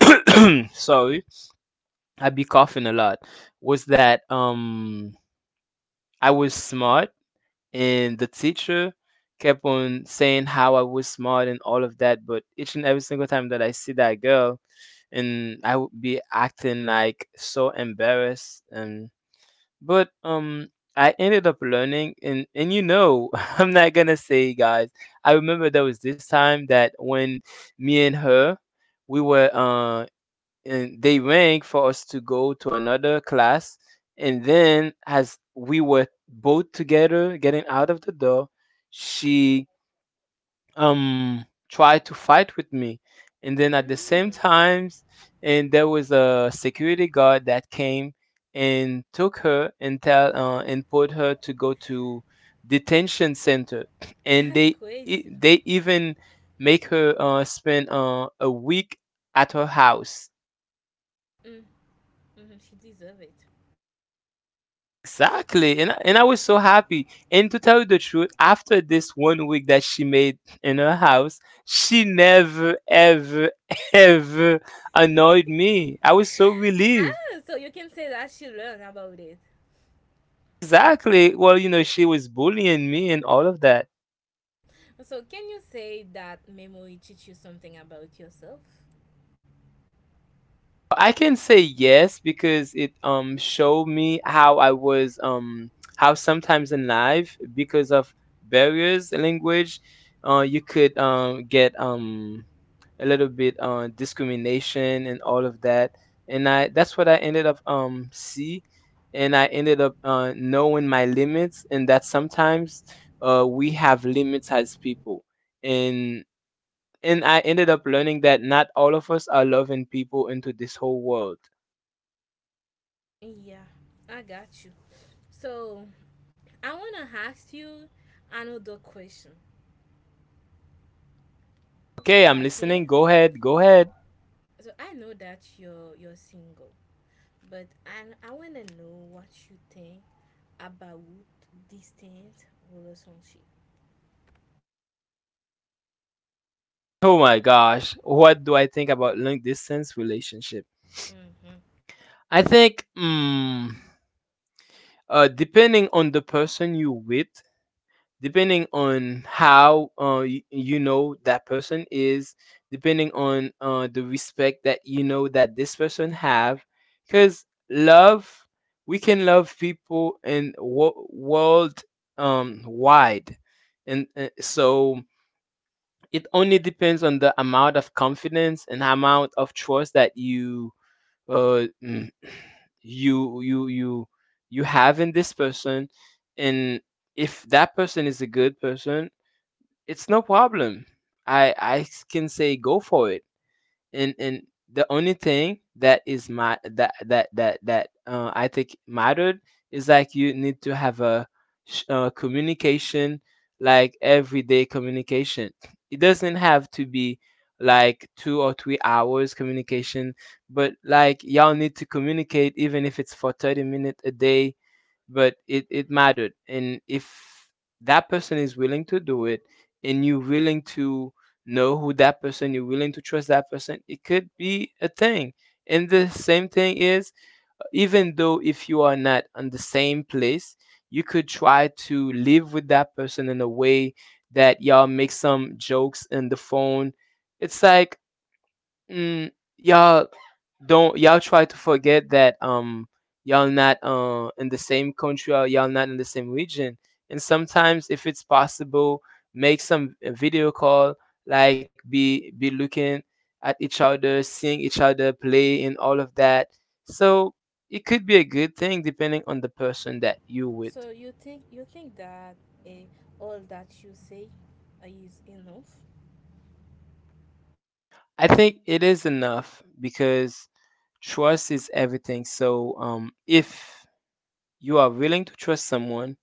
A: sorry, I'd be coughing a lot, was that I was smart. And the teacher kept on saying how I was smart and all of that, but each and every single time that I see that girl, and I would be acting like so embarrassed. And but I ended up learning. And you know, I'm not gonna say, guys. I remember there was this time that, when me and her, we were and they rang for us to go to another class. And then, as we were both together getting out of the door, she try to fight with me, and then at the same
B: mm,
A: times, and there was a security guard that came and took her, and put her to go to detention center. And
B: that's crazy.
A: they even make her spend a week at her house.
B: Mm, hmm, she deserves it. So
A: Exactly. And I was so happy. And to tell you the truth, after this one week that she made in her house, she never ever ever annoyed me. I was so relieved.
B: so you can say that she learned about it.
A: Exactly. Well, you know, she was bullying me and all of that.
B: So can you say that memory teach you something about yourself?
A: I can say yes, because it showed me how I was, how sometimes in life, because of barriers in language, you could get a little bit on discrimination and all of that. And I That's what I ended up, see. And I ended up, knowing my limits, and that sometimes we have limits as people. And and I ended up learning that not all of us are loving people into this whole world.
B: Yeah, I got you. So I wanna ask you another question.
A: Okay,
B: So I
A: I'm
B: can.
A: listening. Go ahead. Go ahead.
B: So I know that you're single, but and I wanna know what you think about distant relationship.
A: Oh my gosh, what do I think about long distance relationship?
B: Mm-hmm.
A: I think, depending on the person you with, depending on how, you know that person is, depending on, the respect that you know that this person have. Because love, we can love people in world, wide. And, so, it only depends on the amount of confidence and amount of trust that you, uh, mm, you you you you have in this person. And if that person is a good person, it's no problem. I can say, go for it. And the only thing that is my that that that that I think mattered is, like, you need to have a communication, like everyday communication. It doesn't have to be like 2 or 3 hours communication, but like y'all need to communicate even if it's for 30 minutes a day, but it mattered. And if that person is willing to do it, and you're willing to know who that person, you're willing to trust that person, it could be a thing. And the same thing is, even though if you are not on the same place, you could try to live with that person in a way that y'all make some jokes in the phone. It's like, mm, y'all don't y'all try to forget that y'all not in the same country, or y'all not in the same region. And sometimes, if it's possible, make some a video call, like be looking at each other, seeing each other play and all of that. So it could be a good thing depending on the person that you with.
B: So you think that eh, all that you say is enough?
A: I think it is enough, because trust is everything. So, if you are willing to trust someone,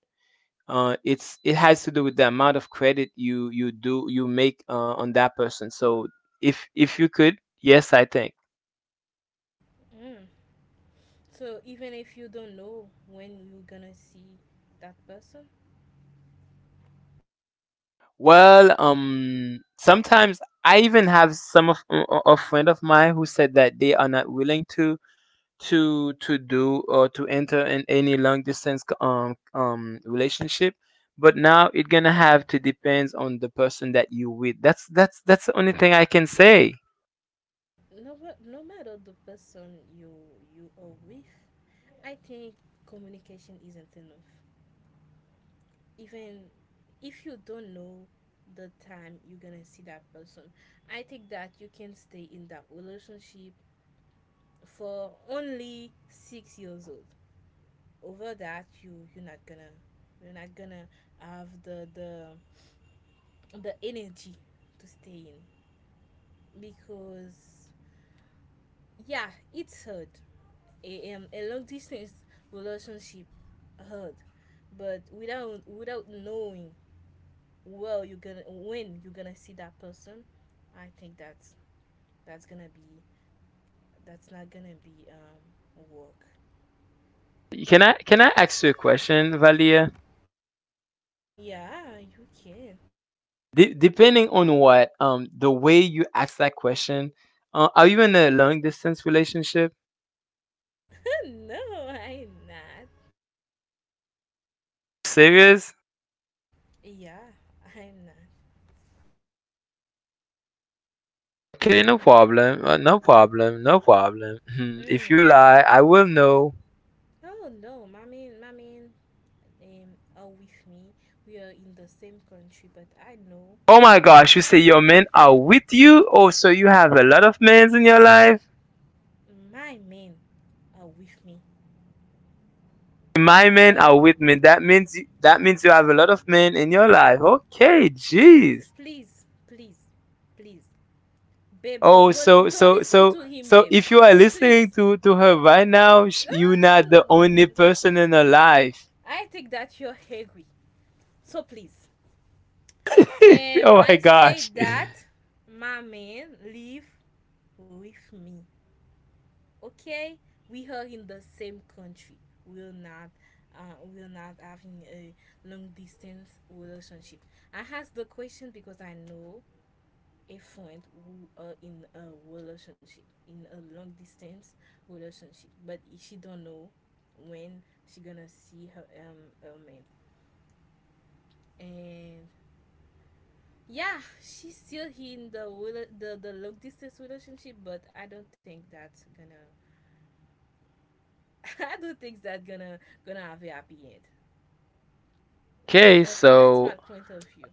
A: it has to do with the amount of credit you make, on that person. So, if you could, yes, I think.
B: Mm. So even if you don't know when you're gonna see that person,
A: Well, sometimes I even have some of a friend of mine who said that they are not willing to do or to enter in any long distance relationship. But now it gonna have to depends on the person that you with. That's the only thing I can say.
B: no, no matter the person you are with, I think communication isn't enough. Even if you don't know the time you're gonna see that person, I think that you can stay in that relationship for only 6 years old. Over that, you're not gonna you're not gonna have the energy to stay in, because yeah, it's hard. A long distance relationship, hard. But without knowing well you're gonna when you're gonna see that person, I think that's gonna be that's not gonna be work.
A: Can I ask you a question, Valia?
B: Yeah, you can.
A: Depending on what, the way you ask that question, are you in a long distance relationship?
B: No, I'm not.
A: Serious?
B: Yeah, I'm not.
A: Okay, no
B: I'm
A: problem. No problem. No problem. If
B: mm.
A: you lie, I will know.
B: Oh no, mommy mommy, are with me. We are in the same country, but I know,
A: Oh my
B: uh,
A: gosh, you say your men are with you? Oh, so you have a lot of men in your life?
B: my men are with me.
A: My
B: We
A: men
B: are,
A: are with me. That means, that means you have a lot of men in your life. Okay,
B: please,
A: jeez.
B: please, please, please, babe,
A: Oh, so,
B: don't listen to him, babe.
A: if you are listening
B: Please.
A: to her right now, you're not the only
B: Mm.
A: person in her life.
B: I think that you're angry, so please.
A: Oh my
B: I say
A: gosh.
B: that my man live with me. Okay, we are in the same country. We're not uh, we're not having a long distance relationship. I asked the question because I know a friend who are in a relationship, in a long distance relationship, but she don't know when she gonna see her her man. And yeah, she's still in the the long distance relationship, but I don't think that's gonna. I don't think that's gonna have a happy end.
A: Okay,
B: That's my
A: so
B: point of view.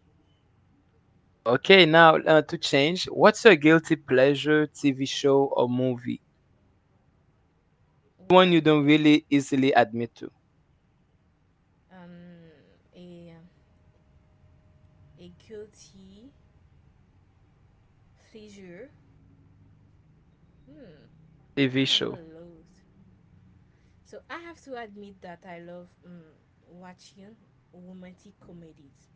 A: okay now, to change. What's your guilty pleasure TV show or movie? One
B: What?
A: you don't really easily admit to.
B: um a a guilty pleasure? Hmm.
A: TV
B: I have
A: show.
B: a lot. So I have to admit that I love watching romantic comedies.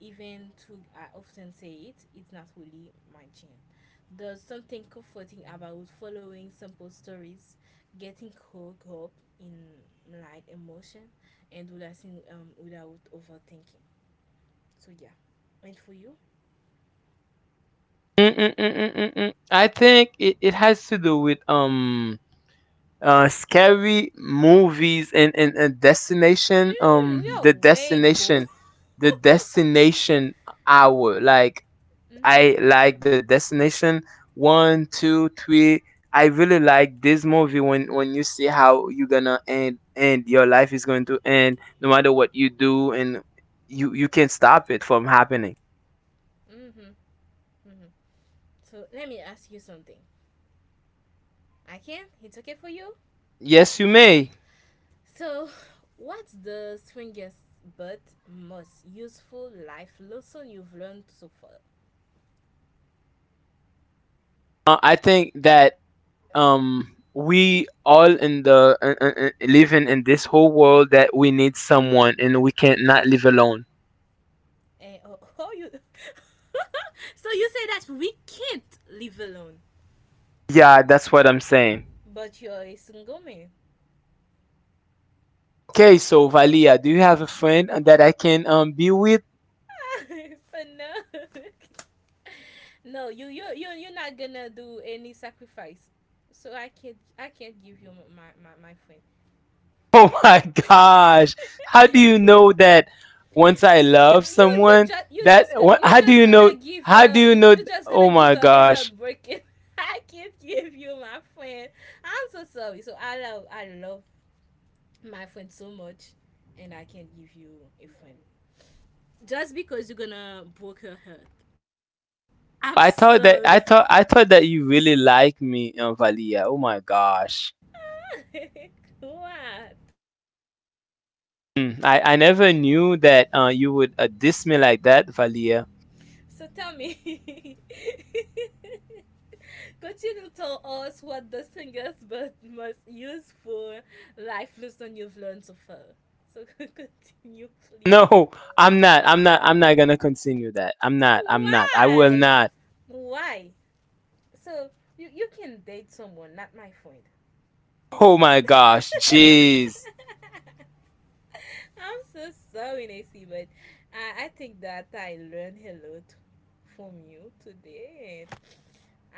B: Even to I often say it, it's not really my genre. There's something comforting about following simple stories, getting caught up in light emotion, and do that thing without overthinking. So yeah, and for you?
A: Mm-mm-mm-mm-mm. I think it has to do with, scary movies, and destination,
B: You're
A: the
B: way bo.
A: destination the destination hour, like
B: Mhm,
A: I like the destination 1, 2, 3. I really like this movie, when you see how you're gonna end your life, is going to end no matter what you do, and you can't stop it from happening.
B: mhm, mhm. So let me ask you something. I can. It's okay for you.
A: Yes, you may.
B: So, what's the strongest but most useful life lesson you've learned so far?
A: I think that, we all in the, living in this whole world, that we need someone and we can't not live alone.
B: And oh, how you? So you say that we can't live alone,
A: Yeah, that's what I'm saying.
B: but you're a single man.
A: Okay, so Valia, do you have a friend that I can, be with?
B: So no, no, you're not gonna do any sacrifice. So I can't give you my friend.
A: Oh my gosh! How do you know that once I love someone, that
B: You
A: how do
B: just
A: you
B: gonna
A: know?
B: give
A: How do you know? Oh my
B: her a
A: gosh!
B: health break. I can't give you my friend. I'm so sorry. So I love my friend so much, and I can't give you a friend just because you're gonna broke her heart. I'm
A: I thought that
B: sorry.
A: I thought that you really like me, Valia. Oh my gosh!
B: What?
A: Mm, I never knew that you would diss me like that, Valia.
B: So tell me. Continue to tell us what the strongest but most useful life lesson you've learned so far. So continue, please.
A: No, I'm not. I'm not. I'm not gonna continue that. I'm not. I'm not. I will
B: Why?
A: not.
B: Why? So you can date someone, not my friend.
A: Oh my gosh, jeez.
B: I'm so sorry, Nancy, but I think that I learned a lot from you today.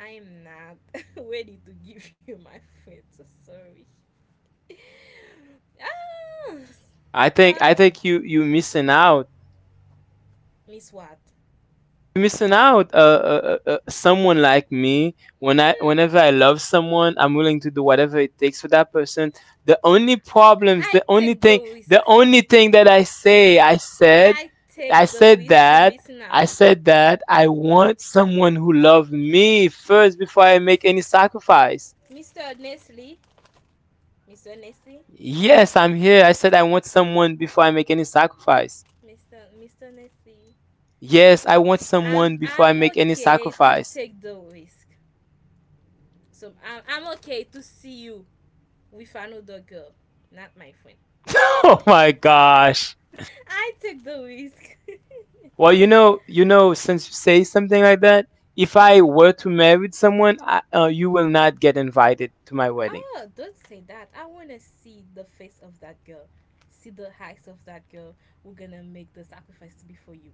B: I am not ready to give you my friend, so sorry. ah,
A: I think
B: Damn.
A: I think you missing out.
B: Miss what?
A: Missing out. Someone like me,
B: Mm.
A: whenever I love someone, I'm willing to do whatever it takes for that person. The only problems,
B: I
A: the only
B: take the
A: thing, the
B: risk.
A: only thing that I say,
B: I, I
A: I
B: take the
A: said
B: risk to
A: that,
B: missing
A: I
B: out.
A: said that I want someone who loves me first before I make any sacrifice.
B: Mr. Nestle, Mr. Nestle,
A: Yes, I'm here. I said I want someone before I make any sacrifice.
B: Mr. Nestle.
A: Yes, I want
B: I'm
A: someone before I
B: I'm
A: make any
B: okay to
A: sacrifice.
B: take the risk. So I'm okay to see you with another girl, not my friend.
A: Oh my gosh.
B: I take the risk.
A: Well, you know, since you say something like that, if I
B: Mhm.
A: were to marry someone, you will not get invited to my wedding.
B: Oh, don't say that. I want to see the face of that girl, see the eyes of that girl. We're gonna make the sacrifice to be for you.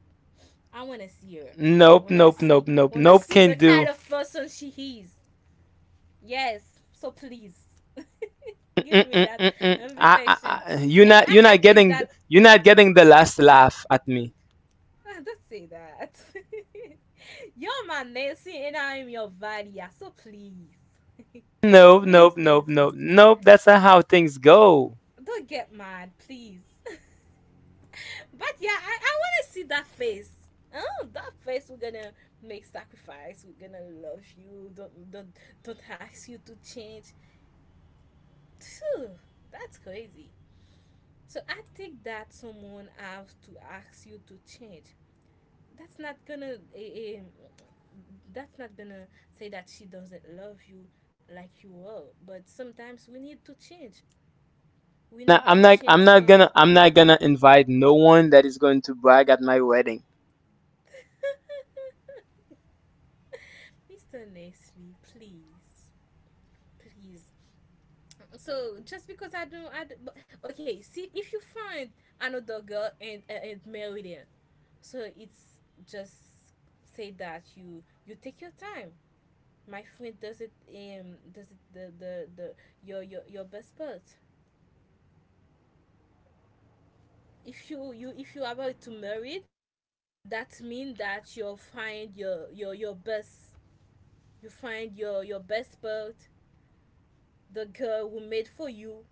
B: I want to see her.
A: Nope, nope, nope, nope,
B: Wanna
A: nope.
B: see
A: Can
B: the kind
A: do.
B: of person she is. Yes. So please, give me that
A: Mm-mm-mm-mm.
B: invitation.
A: I, you're
B: And
A: not,
B: I,
A: you're
B: I
A: not
B: think
A: getting,
B: that.
A: you're not getting the last laugh at me.
B: Don't say that. You're my Nancy and I am your Valia. So please,
A: Nope, nope,
B: please,
A: nope, nope,
B: Nancy,
A: nope. That's not how things go.
B: don't get mad, please. But yeah, I want to see that face. Oh, that face. We're gonna make sacrifice. We're gonna love you. Don't ask you to change. Phew, that's crazy. So I think that someone have to ask you to change. That's not gonna. Eh, that's not gonna say that she doesn't love you like you are. But sometimes we need to change. We
A: Now,
B: need to change some.
A: I'm not gonna invite no one that is going to brag at my wedding.
B: Mr. Nestle, please. Please. So just because I don't, but- okay. See, if you find another girl and marry her, so it's just say that you take your time. My friend does it. Does it the the your your best part. If you are about to marry, that means that you'll find your your best. You find your best part. The girl who made for you.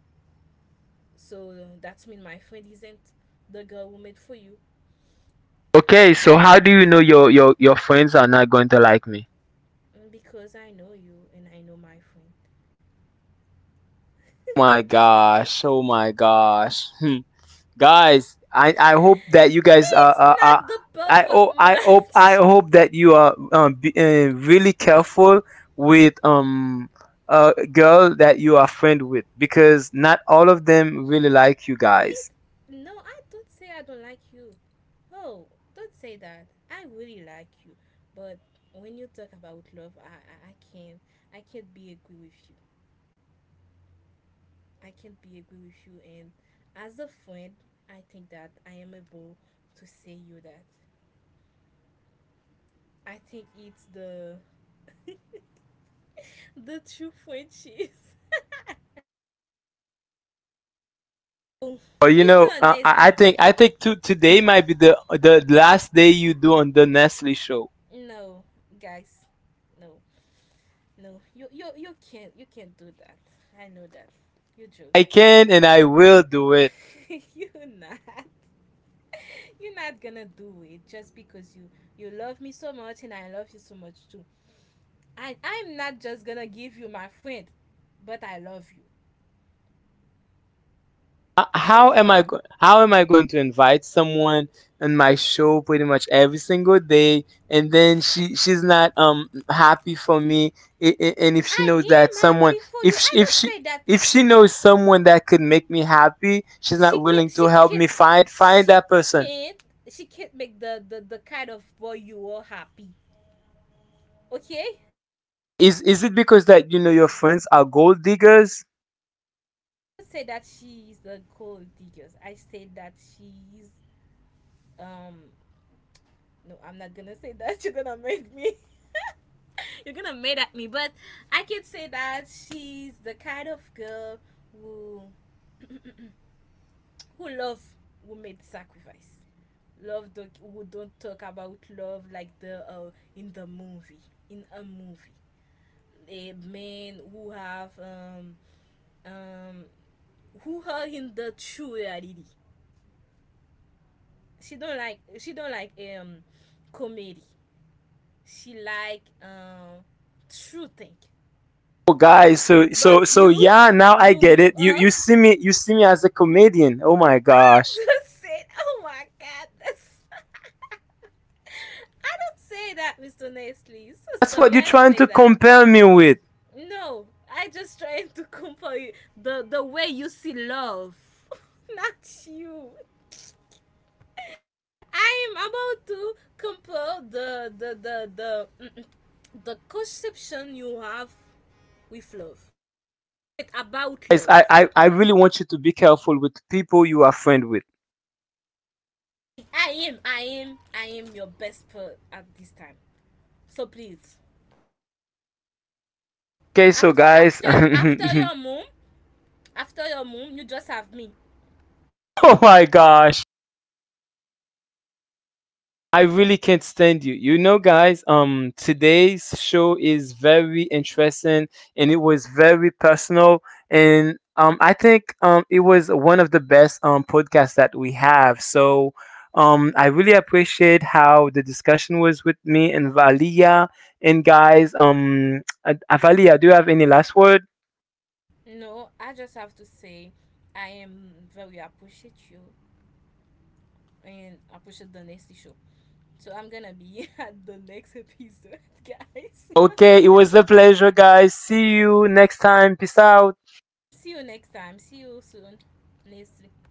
B: So that's mean my friend isn't the girl who made for you.
A: Okay, so how do you know your friends are not going to like me?
B: Mm, because I know you and I know my friend.
A: My gosh. Oh my gosh. Hmm. Guys, I hope that you guys are,
B: It's not the
A: I,
B: perfect
A: oh, I hope I
B: match.
A: hope that you are be, really careful with a girl that you are friend with, because not all of them really like you
B: It
A: guys.
B: No, I don't say I don't like you. Oh, don't say that. I really like you, but when you talk about love, I can't be agree with you. I can't be agree with you, and as a friend, I think that I am able to say you that I think it's the the two-foot cheese. Oh,
A: But you know,
B: Mr.
A: I I
B: Nasty.
A: think I think today might be the last day you do on the Nestle show.
B: No, guys, no, no. You can't do that. I know that. You joke.
A: I can and I will do it.
B: You're not. You're not gonna do it just because you love me so much and I love you so much too. I'm not just gonna give you my friend, but I love you.
A: Uh,
B: It's
A: how
B: okay.
A: am I go- how am I going to invite someone in my show pretty much every single day, and then she's not happy for me? And if she knows
B: I
A: that
B: am
A: someone,
B: happy for
A: if
B: you. I
A: she, if
B: don't
A: she
B: say that
A: if she knows someone that could make me happy, she's
B: she
A: not
B: can't
A: willing to
B: she
A: help
B: can't
A: me find
B: she
A: that person.
B: can't she can't make the kind of boy you are happy. Okay, I
A: Is it because that you know your friends are gold diggers?
B: don't say that she's the gold diggers. I say that she's um no, I'm not gonna say that. You're gonna make me, you're gonna mad at me, but I can say that she's the kind of girl who who love, who made sacrifice, love the, who don't talk about love like the in the movie in a movie. A men who have um who are in the true reality. She don't like um comedy. She like true thing.
A: Oh guys, so
B: But you
A: yeah, now I
B: you
A: get
B: you
A: it. You
B: are.
A: you see me as a comedian. Oh my
B: I
A: gosh.
B: don't say oh my god that's. I don't say that, Mr. Nestle. So
A: That's what
B: sorry,
A: you're
B: I don't
A: trying
B: say
A: to
B: that.
A: compare me with.
B: No, I just trying to compare the way you see love, not you. I am about to compare the conception you have with love. It's
A: Guys,
B: about
A: I, I,
B: love.
A: I really want you to be careful with people you are friend with.
B: I am your best part at this time. So please,
A: Okay, so
B: after
A: guys,
B: after after
A: oh
B: your mom, you just have me.
A: my gosh, I really can't stand you. You know, guys, today's show is very interesting, and it was very personal, and I think it was one of the best podcasts that we have. So. I really appreciate how the discussion was with me and Valia. And guys, Valia, do you have any last word?
B: No, I just have to say, I am very appreciate you and appreciate the next show. So I'm gonna be at the next episode, guys.
A: Okay, it was a pleasure, guys. See you next time. Peace out.
B: See you next time. See you soon. Next week.